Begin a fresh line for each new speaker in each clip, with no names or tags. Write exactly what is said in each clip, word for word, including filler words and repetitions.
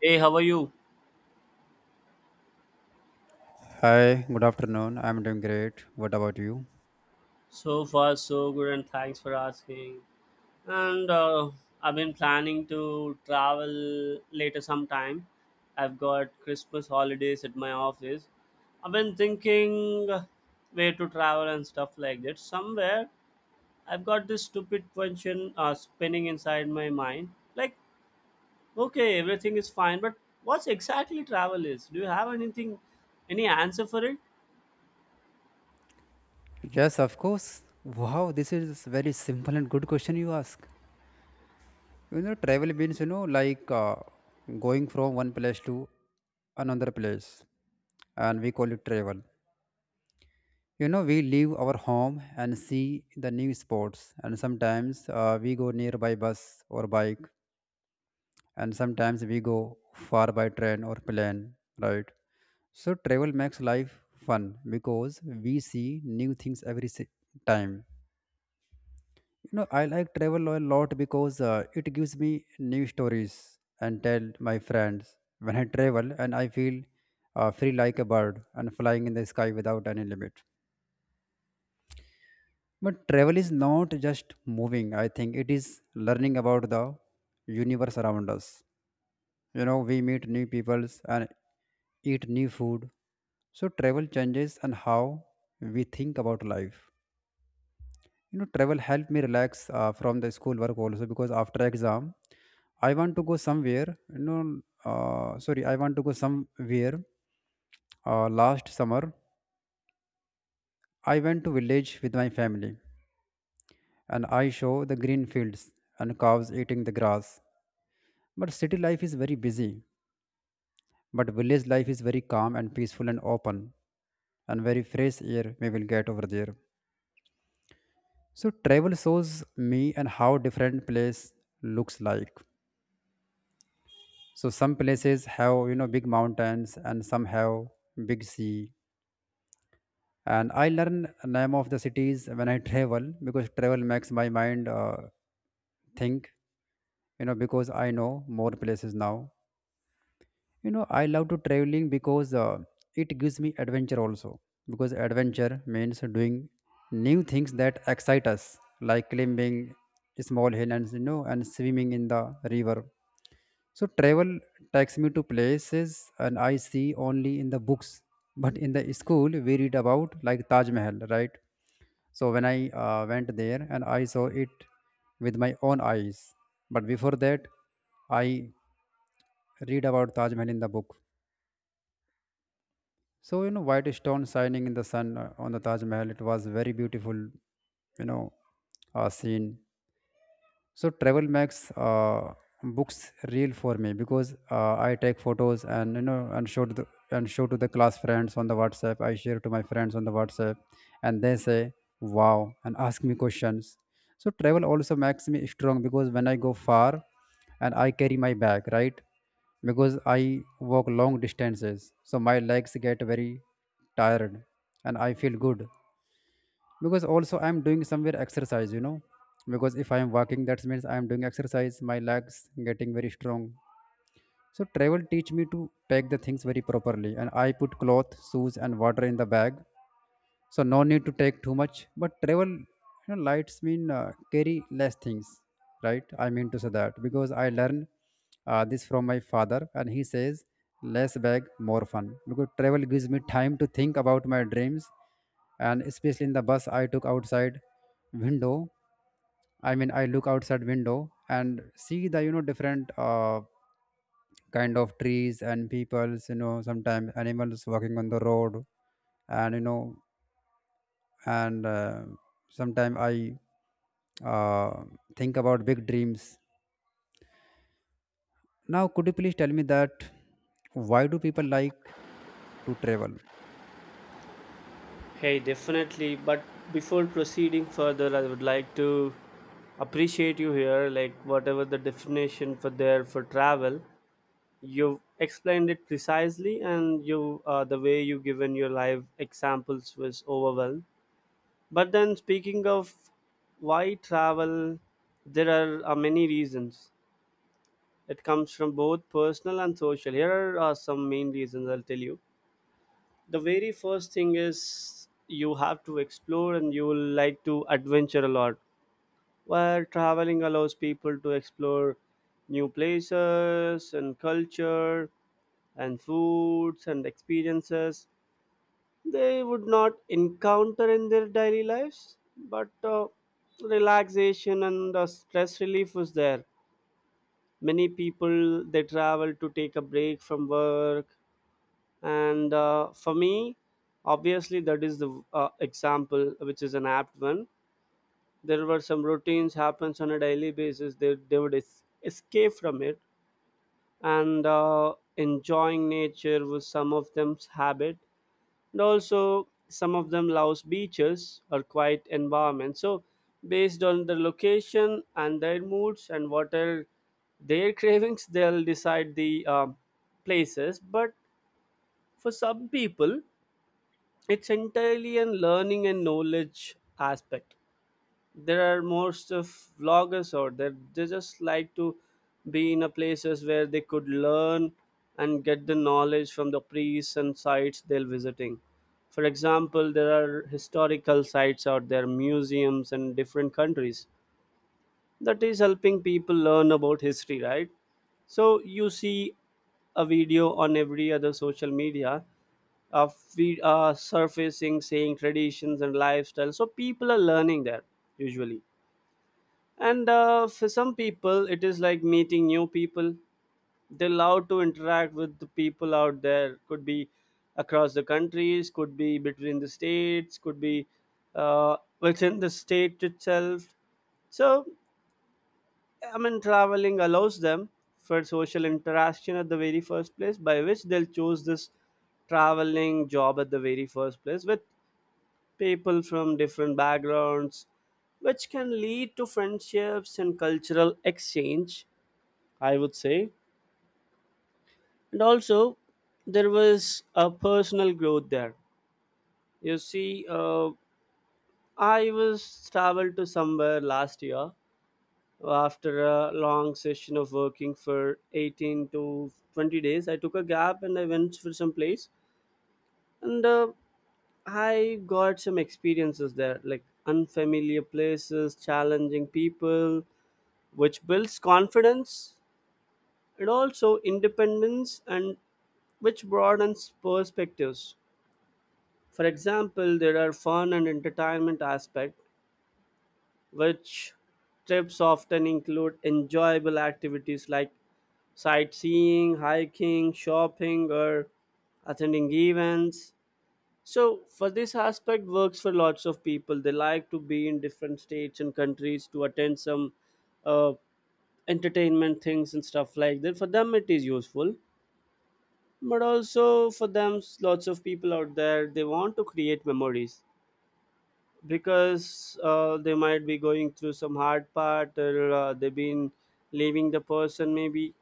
Hey, how are you?
Hi, good afternoon. I'm doing great. What about you?
So far, so good, and thanks for asking. And uh, I've been planning to travel later sometime. I've got Christmas holidays at my office. I've been thinking where to travel and stuff like that. Somewhere, I've got this stupid question uh, spinning inside my mind. Like, okay, everything is fine, but what's exactly travel is? Do you have anything, any answer for it?
Yes, of course. Wow, this is very simple and good question you ask. You know, travel means, you know, like uh, going from one place to another place, and we call it travel. You know, we leave our home and see the new spots, and sometimes uh, we go nearby bus or bike, and sometimes we go far by train or plane, right? So travel makes life fun because we see new things every si- time. You know, I like travel a lot because uh, it gives me new stories and tell my friends. When I travel and I feel uh, free like a bird and flying in the sky without any limit. But travel is not just moving, I think it is learning about the universe around us. You know, we meet new peoples and eat new food, so travel changes and how we think about life. You know, travel helped me relax uh, from the school work also, because after exam I want to go somewhere. You know uh, sorry I want to go somewhere. Uh, last summer, I went to village with my family, and I saw the green fields and cows eating the grass. But city life is very busy. But village life is very calm and peaceful and open, and very fresh air we will get over there. So travel shows me and how different place looks like. So some places have, you know, big mountains, and some have big sea. And I learn name of the cities when I travel, because travel makes my mind uh, think. You know, because I know more places now. You know, I love to traveling because uh, it gives me adventure also, because adventure means doing new things that excite us, like climbing small hill and, you know, and swimming in the river. So travel takes me to places and I see only in the books. But in the school we read about like Taj Mahal, right? So when I uh, went there and I saw it with my own eyes. But before that, I read about Taj Mahal in the book. So, you know, white stone shining in the sun uh, on the Taj Mahal, it was very beautiful, you know, uh, scene. So travel makes uh, books real for me, because uh, I take photos and, you know, and show to the and show to the class friends on the WhatsApp. I share to my friends on the WhatsApp, and they say wow and ask me questions. So travel also makes me strong, because when I go far and I carry my bag, right? Because I walk long distances, so my legs get very tired. And I feel good, because also I'm doing somewhere exercise, you know, because if I am walking, that means I am doing exercise. My legs getting very strong. So travel teach me to pack the things very properly, and I put cloth, shoes and water in the bag. So no need to take too much. But travel, you know, lights mean uh, carry less things, right? I mean to say that because I learned uh, this from my father, and he says less bag, more fun. Because travel gives me time to think about my dreams, and especially in the bus I took outside window. I mean, I look outside window and see the, you know, different uh, kind of trees and peoples, you know, sometimes animals walking on the road. And you know and uh, sometime i uh, think about big dreams. Now, could you please tell me that why do people like to travel?
Hey, definitely. But before proceeding further, I would like to appreciate you here. Like, whatever the definition for there for travel, you explained it precisely, and you uh, the way you given your live examples was overwhelmed. But then, speaking of why travel, there are uh, many reasons. It comes from both personal and social. Here are uh, some main reasons I'll tell you the very first thing is you have to explore and you will like to adventure a lot, where traveling allows people to explore new places and culture and foods and experiences they would not encounter in their daily lives. But uh, relaxation and uh, stress relief was there. Many people they travel to take a break from work, and uh, for me, obviously, that is the uh, example which is an apt one. There were some routines happens on a daily basis, they, they would es- escape from it. And uh, enjoying nature was some of them's habit, and also some of them loves beaches or quiet environment. So based on the location and their moods and what are their cravings, they'll decide the um, places. But for some people, it's entirely a learning and knowledge aspect. There are most of vloggers out there, they just like to be in a places where they could learn and get the knowledge from the priests and sites they're visiting. For example, there are historical sites out there, museums in different countries, that is helping people learn about history, right? So you see a video on every other social media uh, feed, uh, surfacing, saying traditions and lifestyle. So people are learning there usually. And uh, for some people, it is like meeting new people. They love to interact with the people out there. Could be across the countries, could be between the states, could be uh, within the state itself. So I mean, traveling allows them for social interaction at the very first place, by which they'll choose this traveling job at the very first place with people from different backgrounds, which can lead to friendships and cultural exchange, I would say. And also, there was a personal growth there. You see, uh, I was traveled to somewhere last year after a long session of working for eighteen to twenty days. I took a gap and I went for some place, and uh, I got some experiences there, like unfamiliar places, challenging people, which builds confidence and also independence and which broadens perspectives. For example, there are fun and entertainment aspect which trips often include enjoyable activities like sightseeing, hiking, shopping or attending events. So for this aspect works for lots of people. They like to be in different states and countries to attend some uh, entertainment things and stuff like that. For them it is useful. But also for them, s- lots of people out there, they want to create memories because uh, they might be going through some hard part, or uh, they've been leaving the person maybe,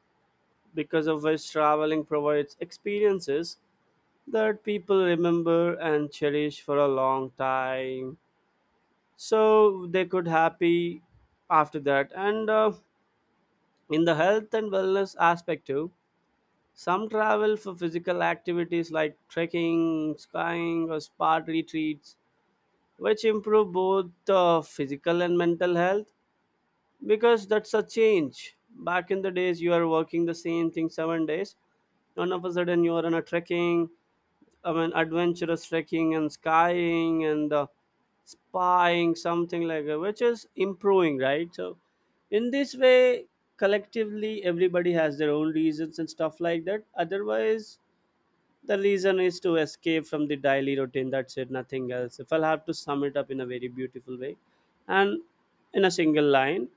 because of which traveling provides experiences that people remember and cherish for a long time, so they could happy after that. And uh, in the health and wellness aspect too, some travel for physical activities like trekking, skiing, or spa retreats, which improve both uh, physical and mental health, because that's a change. Back in the days, you are working the same thing seven days, and all of a sudden, you are on a trekking, I mean, adventurous trekking and skying and uh, spying, something like that, which is improving, right? So, in this way, collectively, everybody has their own reasons and stuff like that. Otherwise, the reason is to escape from the daily routine, that's it, nothing else, if I'll have to sum it up in a very beautiful way and in a single line.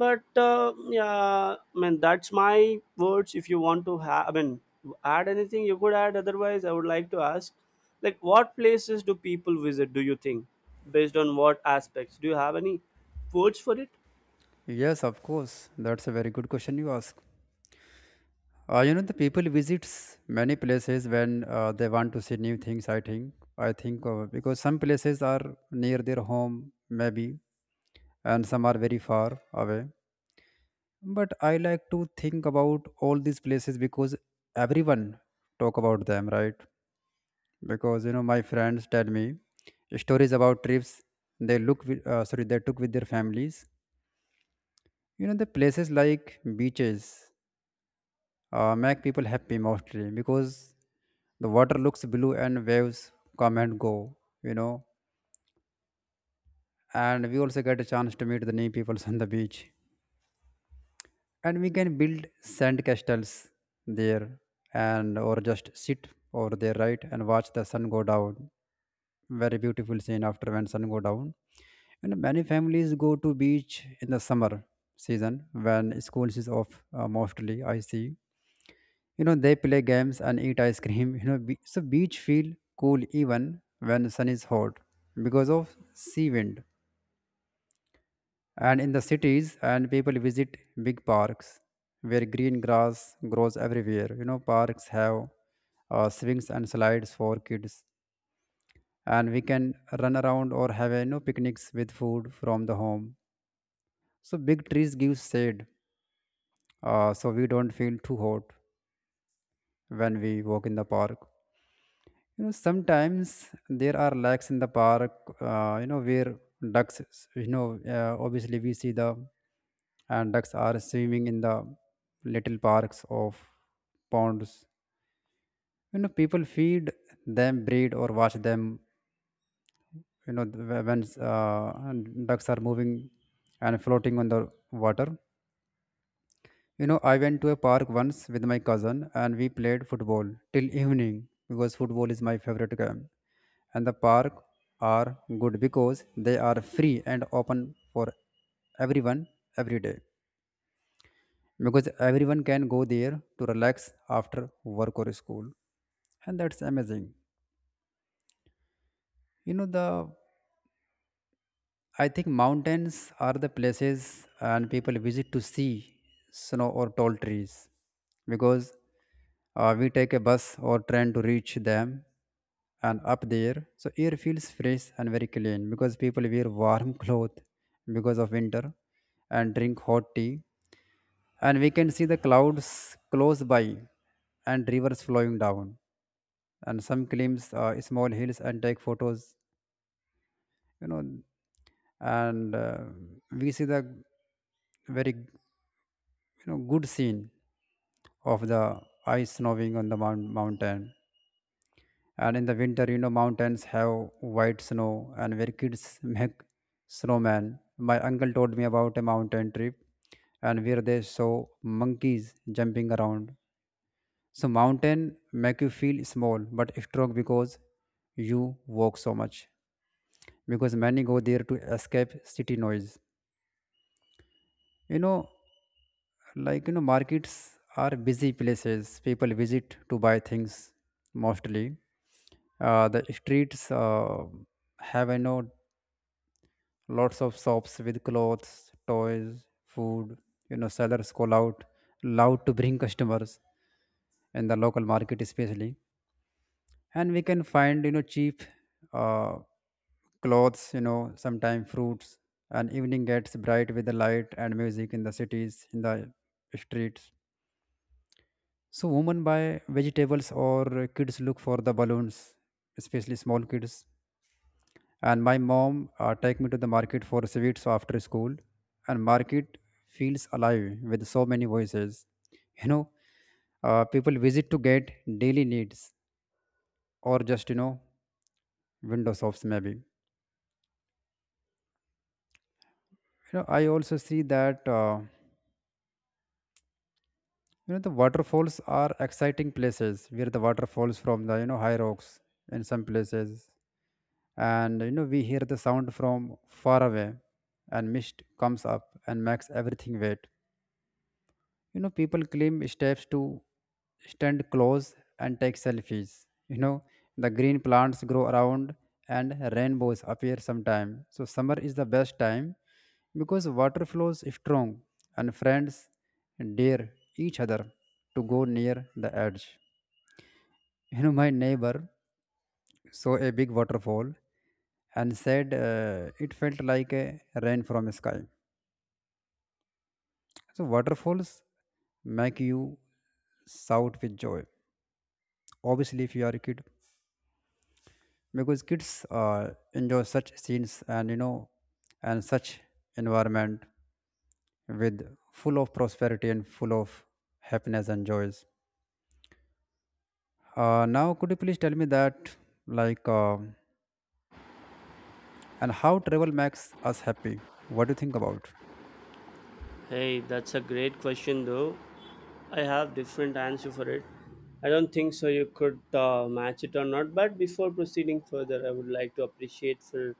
But uh, yeah, I mean that's my words. If you want to have, I mean, add anything you could add. Otherwise, I would like to ask, like, what places do people visit, do you think, based on what aspects? Do you have any words for it?
Yes, of course, that's a very good question you ask. Uh, you know, the people visits many places when uh, they want to see new things, i think i think uh, because some places are near their home maybe, and some are very far away. But I like to think about all these places because everyone talk about them, right? Because you know my friends tell me stories about trips they look with, uh, sorry they took with their families. You know, the places like beaches uh, make people happy mostly, because the water looks blue and waves come and go, you know. And we also get a chance to meet the new people on the beach, and we can build sand castles there, and or just sit over there, right, and watch the sun go down. Very beautiful scene after when sun go down. And many families go to beach in the summer season when schools is off, uh, mostly. I see. You know, they play games and eat ice cream. You know be- so beach feel cool even when sun is hot, because of sea wind. And in the cities, and people visit big parks where green grass grows everywhere. You know, parks have uh, swings and slides for kids, and we can run around or have, you know, picnics with food from the home. So big trees give shade uh, so we don't feel too hot when we walk in the park. You know, sometimes there are lakes in the park, uh, you know, where ducks, you know, uh, obviously we see the and ducks are swimming in the little parks of ponds. You know, people feed them, breed, or watch them. You know, th- when uh, ducks are moving and floating on the water. You know, I went to a park once with my cousin and we played football till evening, because football is my favorite game. And the park are good because they are free and open for everyone every day. Because everyone can go there to relax after work or school. And that's amazing. You know, the I think mountains are the places and people visit to see snow or tall trees, because uh, we take a bus or train to reach them. And up there, so air feels fresh and very clean, because people wear warm clothes because of winter, and drink hot tea, and we can see the clouds close by and rivers flowing down, and some climbs uh, small hills and take photos, you know. And uh, we see the very, you know, good scene of the ice snowing on the mount- mountain. And in the winter, you know, mountains have white snow, and where kids make snowman. My uncle told me about a mountain trip, and where they saw monkeys jumping around. So mountain make you feel small but strong, because you walk so much, because many go there to escape city noise, you know. Like, you know, markets are busy places people visit to buy things mostly. Uh, the streets uh, have, you know, lots of shops with clothes, toys, food. You know, sellers call out loud to bring customers in the local market, especially. And we can find, you know, cheap uh, clothes, you know, sometime fruits. And evening gets bright with the light and music in the cities in the streets. So women buy vegetables or kids look for the balloons, especially small kids. And my mom uh, take me to the market for sweets after school. And market feels alive with so many voices, you know. Uh, people visit to get daily needs or just, you know, window shops maybe. You know, I also see that, uh, you know, the waterfalls are exciting places where the water falls from the, you know, high rocks in some places. And you know, we hear the sound from far away, and mist comes up and makes everything wet. You know, people claim steps to stand close and take selfies, you know. The green plants grow around and rainbows appear sometime. So summer is the best time, because water flows strong, and friends dare each other to go near the edge. You know, my neighbor saw a big waterfall and said uh, it felt like a rain from sky. So waterfalls make you shout with joy, obviously if you are a kid, because kids uh, enjoy such scenes, and you know, and such environment with full of prosperity and full of happiness and joys. Uh, now, could you please tell me that, like uh, and how travel makes us happy? What do you think about?
Hey, that's a great question though. I have different answer for it. I don't think so you could uh, match it or not. But before proceeding further, I would like to appreciate for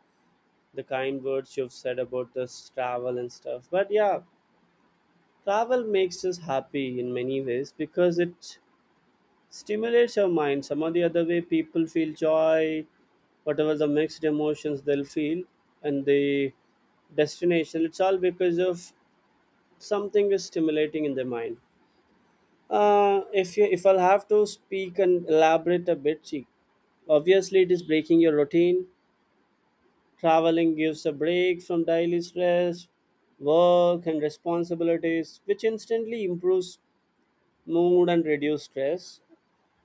the kind words you've said about this travel and stuff. But yeah, travel makes us happy in many ways because it stimulates our mind. Some or the other way, people feel joy, whatever the mixed emotions they'll feel, and the destination. It's all because of something is stimulating in their mind. Uh, if you, if I'll have to speak and elaborate a bit, see, obviously it is breaking your routine. Traveling gives a break from daily stress, work and responsibilities, which instantly improves mood and reduce stress.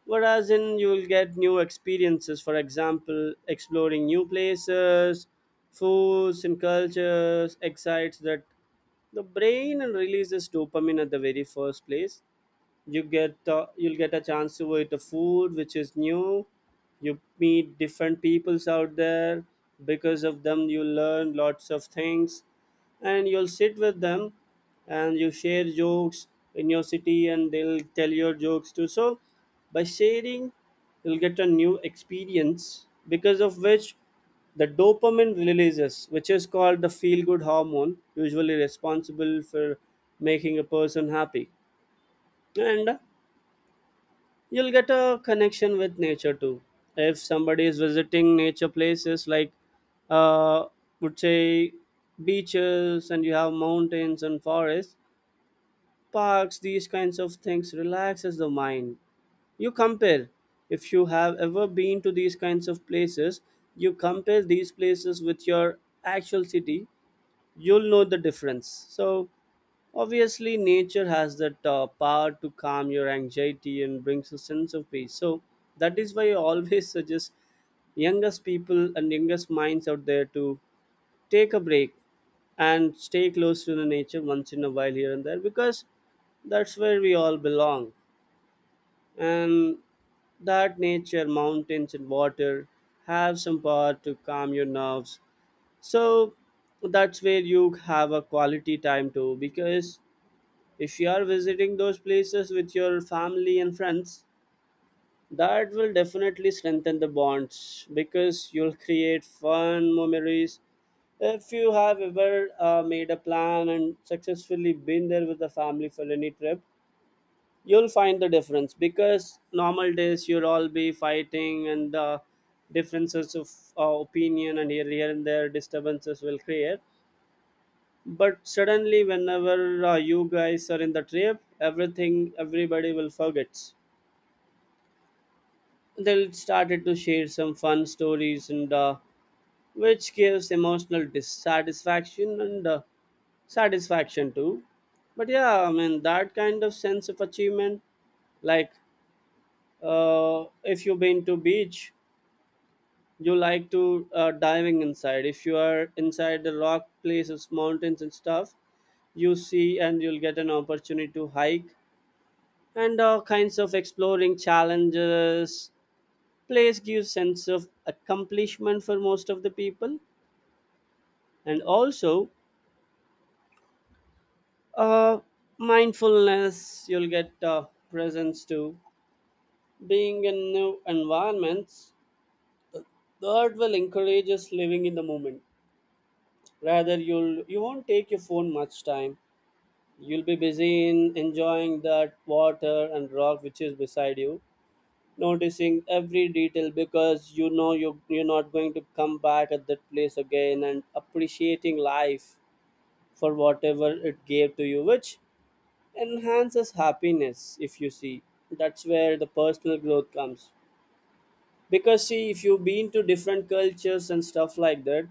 Whereas in you will get new experiences. For example, exploring new places, foods and cultures excites that the brain and releases dopamine at the very first place. You get uh, you'll get a chance to eat the food which is new. You meet different peoples out there. Because of them you learn lots of things, and you'll sit with them and you share jokes in your city, and they'll tell your jokes too. So by sharing, you'll get a new experience, because of which the dopamine releases, which is called the feel good hormone, usually responsible for making a person happy. And you'll get a connection with nature too. If somebody is visiting nature places like, uh would say, beaches, and you have mountains and forests, parks, these kinds of things relaxes the mind. You compare, if you have ever been to these kinds of places, you compare these places with your actual city, you'll know the difference. So, obviously, nature has that uh, power to calm your anxiety and brings a sense of peace. So, that is why I always suggest youngest people and youngest minds out there to take a break and stay close to the nature once in a while here and there, because that's where we all belong. And that nature, mountains, and water have some power to calm your nerves. So that's where you have a quality time too, because if you are visiting those places with your family and friends, that will definitely strengthen the bonds because you'll create fun memories. If you have ever uh, made a plan and successfully been there with the family for any trip, you'll find the difference, because normal days you'll all be fighting and uh, differences of uh, opinion, and here, here and there disturbances will create. But suddenly, whenever uh, you guys are in the trip, everything, everybody will forget. They'll started to share some fun stories, and uh, which gives emotional dissatisfaction and uh, satisfaction too. But yeah, I mean that kind of sense of achievement, like, uh, if you've been to beach, you like to uh, diving inside. If you are inside the rock places, mountains and stuff, you see, and you'll get an opportunity to hike and all kinds of exploring challenges. Place gives sense of accomplishment for most of the people. And also uh, mindfulness. You'll get uh, presence too. Being in new environments, the art will encourage us living in the moment. Rather, you'll you won't take your phone much time. You'll be busy in enjoying that water and rock which is beside you, noticing every detail, because you know you you're not going to come back at that place again, and appreciating life for whatever it gave to you, which enhances happiness, if you see. That's where the personal growth comes, because see, if you've been to different cultures and stuff like that,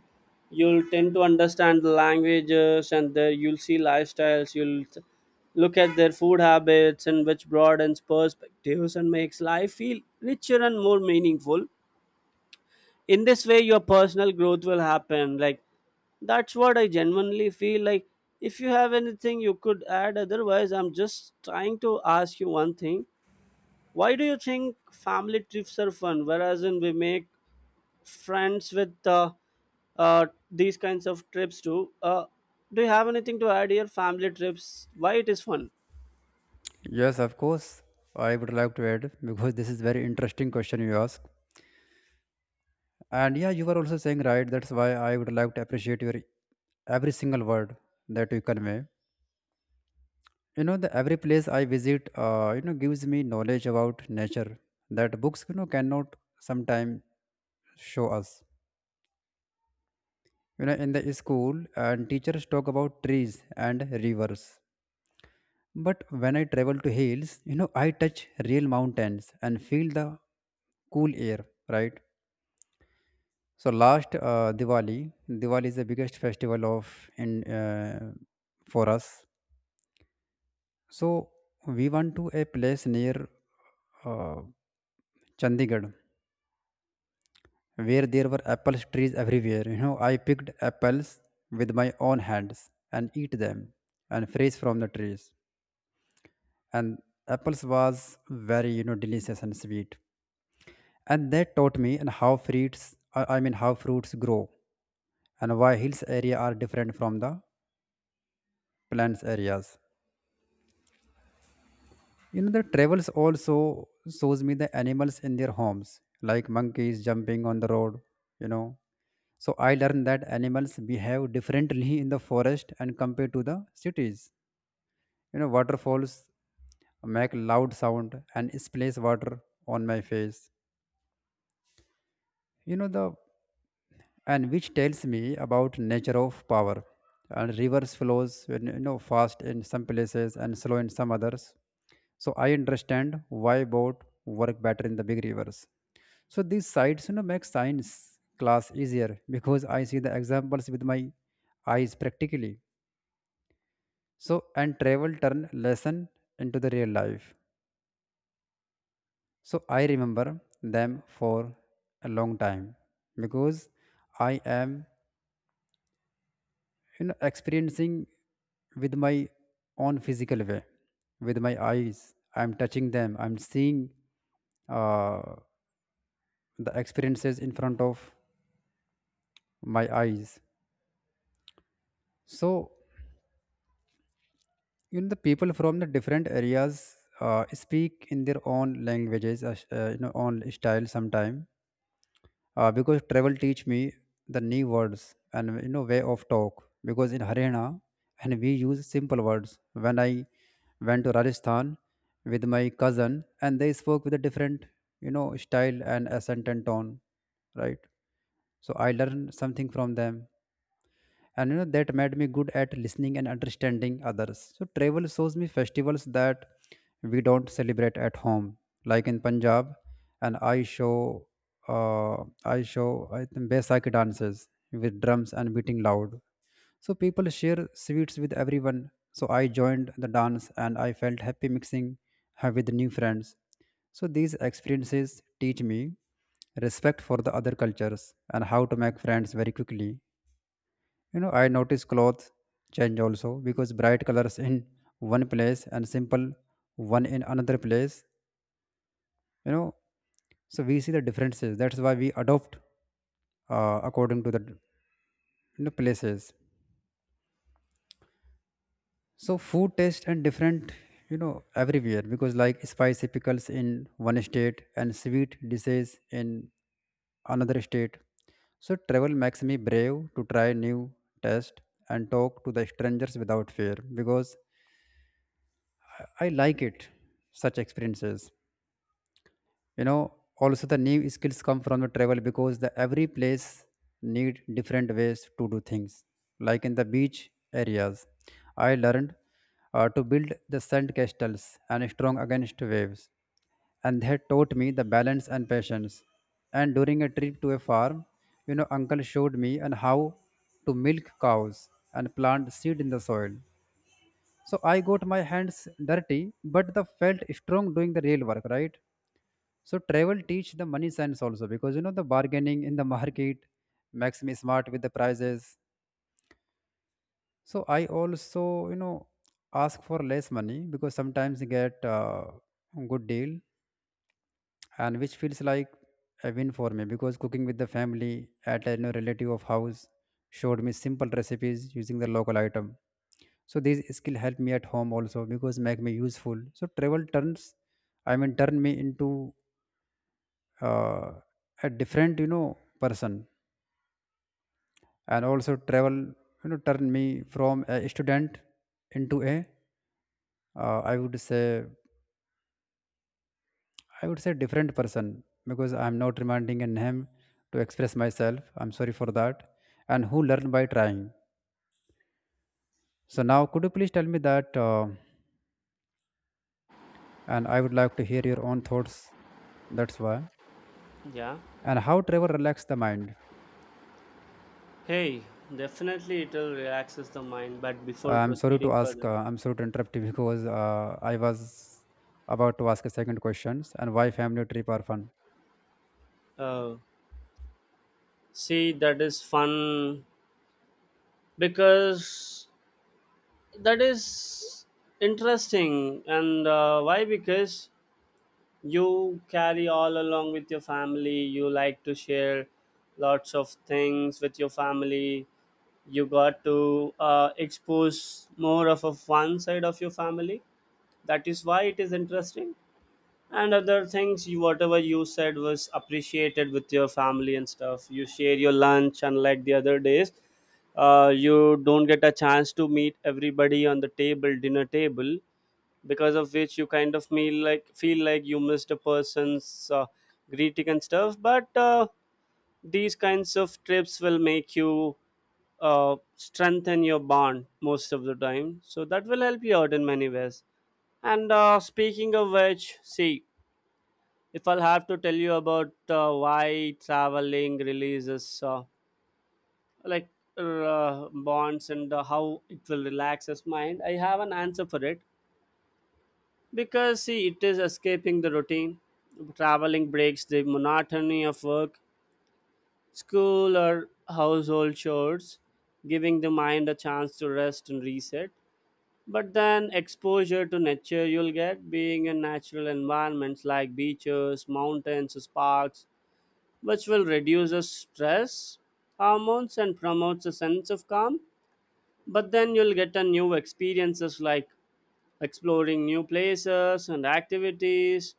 you'll tend to understand the languages and the, you'll see lifestyles. You'll t- look at their food habits, and which broadens perspectives and makes life feel richer and more meaningful. In this way your personal growth will happen, like, that's what I genuinely feel like. If you have anything you could add, otherwise I'm just trying to ask you one thing. Why do you think family trips are fun, whereas in we make friends with uh, uh, these kinds of trips too. Uh, do you have anything to add here? Family trips, why it is fun?
Yes, of course, I would like to add, because this is very interesting question you ask. And yeah, you were also saying right, that's why I would like to appreciate your every single word that you convey. You know, the every place I visit, uh, you know, gives me knowledge about nature that books, you know, cannot sometimes show us. You know, in the school, and teachers talk about trees and rivers. But when I travel to hills, you know, I touch real mountains and feel the cool air, right? So last uh, Diwali, diwali is the biggest festival of in uh, for us. So we went to a place near uh, Chandigarh, where there were apple trees everywhere. You know, I picked apples with my own hands and eat them and fresh from the trees. And apples was very, you know, delicious and sweet. And that taught me and how fruits, I I mean, how fruits grow and why hills area are different from the plains areas. You know, the travels also shows me the animals in their homes, like monkeys jumping on the road, you know. So I learned that animals behave differently in the forest and compared to the cities. You know, waterfalls make loud sound and splash water on my face. You know the and which tells me about nature of power. And rivers flows you know fast in some places and slow in some others. So I understand why boat work better in the big rivers. So these sites, you know, make science class easier because I see the examples with my eyes practically. So and travel turn lesson into the real life, so I remember them for a long time because I am, you know, experiencing with my own physical way, with my eyes. I'm touching them, I'm seeing uh, the experiences in front of my eyes. So, you know, the people from the different areas uh, speak in their own languages, uh, sh- uh, you know, own style sometime. Uh, because travel teach me the new words and, you know, way of talk. Because in Haryana, and we use simple words. When I went to Rajasthan with my cousin, and they spoke with a different, you know, style and accent and tone, right? So I learned something from them and, you know, that made me good at listening and understanding others. So travel shows me festivals that we don't celebrate at home, like in Punjab. And i show uh, i show I think Baisakhi dances with drums and beating loud. So people share sweets with everyone, so I joined the dance and I felt happy mixing uh, with new friends. So these experiences teach me respect for the other cultures and how to make friends very quickly. You know, I notice clothes change also because bright colors in one place and simple one in another place, you know. So we see the differences, that's why we adopt uh, according to the, you know, places. So food taste and different, you know, everywhere because like spicy pickles in one state and sweet dishes in another state. So travel makes me brave to try new taste and talk to the strangers without fear, because I like it, such experiences. You know, also the new skills come from the travel because the every place need different ways to do things. Like in the beach areas, I learned uh, to build the sand castles and strong against waves, and they taught me the balance and patience. And during a trip to a farm, you know, uncle showed me and how to milk cows and plant seed in the soil. So I got my hands dirty, but the felt strong doing the real work, right? So travel teach the money sense also because, you know, the bargaining in the market makes me smart with the prices. So I also, you know, ask for less money because sometimes you get uh, good deal, and which feels like a win for me. Because cooking with the family at a, you know, relative of house showed me simple recipes using the local item. So these skill help me at home also because make me useful. So travel turns I mean turn me into uh, a different, you know, person. And also travel, you know, turn me from a student into a uh, i would say i would say different person, because I'm not reminding a name to express myself. I'm sorry for that. And who learn by trying. So now could you please tell me that, uh, and I would like to hear your own thoughts, that's why.
Yeah.
And how travel relax the mind.
Hey, definitely it will relaxes the mind. But
Uh,
before
I'm sorry to
proceeding
ask, uh,
further,
I'm sorry to interrupt you because uh, I was about to ask a second question and why family trip are fun.
uh, see that is fun because that is interesting. And uh, why? Because you carry all along with your family. You like to share lots of things with your family. You got to uh, expose more of a fun side of your family. That is why it is interesting. And other things, you whatever you said, was appreciated. With your family and stuff you share your lunch, unlike the other days. Uh, you don't get a chance to meet everybody on the table, dinner table, because of which you kind of feel like feel like you missed a person's uh, greeting and stuff. But uh, these kinds of trips will make you uh, strengthen your bond most of the time. So that will help you out in many ways. And uh, speaking of which, see, if I'll have to tell you about uh, why traveling releases uh, like uh, bonds, and uh, how it will relax his mind, I have an answer for it. Because see, it is escaping the routine. Traveling breaks the monotony of work, school or household chores, giving the mind a chance to rest and reset. But then, exposure to nature you'll get. Being in natural environments like beaches, mountains, parks, which will reduce the stress hormones and promotes a sense of calm. But then you'll get a new experiences like exploring new places and activities,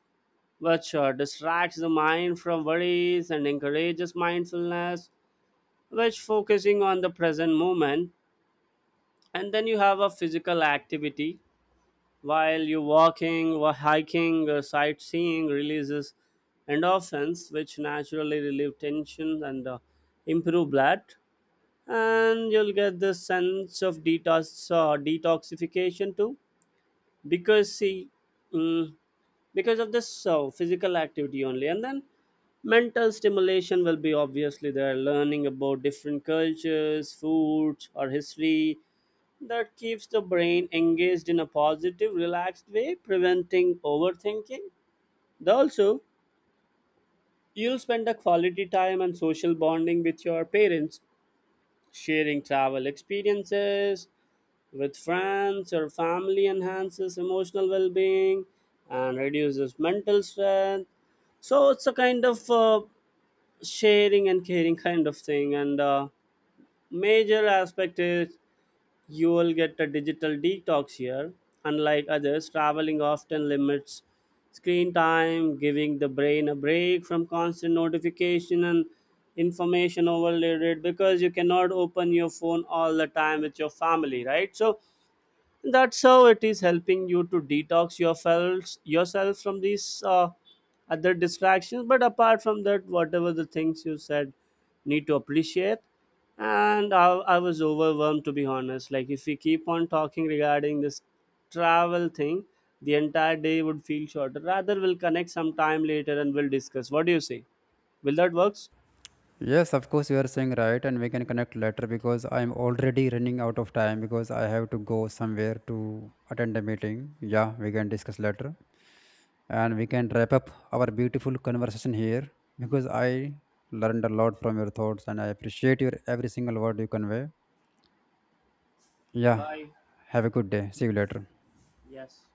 which uh, distracts the mind from worries and encourages mindfulness, which focusing on the present moment. And then you have a physical activity while you walking or hiking or sightseeing releases endorphins, which naturally relieve tension and uh, improve blood. And you'll get the sense of detox uh, detoxification too, because see, mm, because of this uh, physical activity only. And then mental stimulation will be obviously there, learning about different cultures, foods or history, that keeps the brain engaged in a positive relaxed way, preventing overthinking. Then also you'll spend a quality time and social bonding with your parents, sharing travel experiences with friends, your family, enhances emotional well being and reduces mental strength. So it's a kind of uh, sharing and caring kind of thing. And uh, major aspect is you will get a digital detox here. Unlike others, traveling often limits screen time, giving the brain a break from constant notification and information overloaded, because you cannot open your phone all the time with your family, right? So that's how it is helping you to detox yourself yourself from these uh, other distractions. But apart from that, whatever the things you said, need to appreciate. And I, I was overwhelmed, to be honest. Like, if we keep on talking regarding this travel thing, the entire day would feel shorter. Rather we'll connect sometime later and we'll discuss. What do you say? Will that works?
Yes, of course, you are saying right, and we can connect later because I'm already running out of time because I have to go somewhere to attend a meeting. Yeah, we can discuss later and we can wrap up our beautiful conversation here because I learned a lot from your thoughts and I appreciate your every single word you convey. Yeah,
Bye.
have a good day. See you later.
Yes.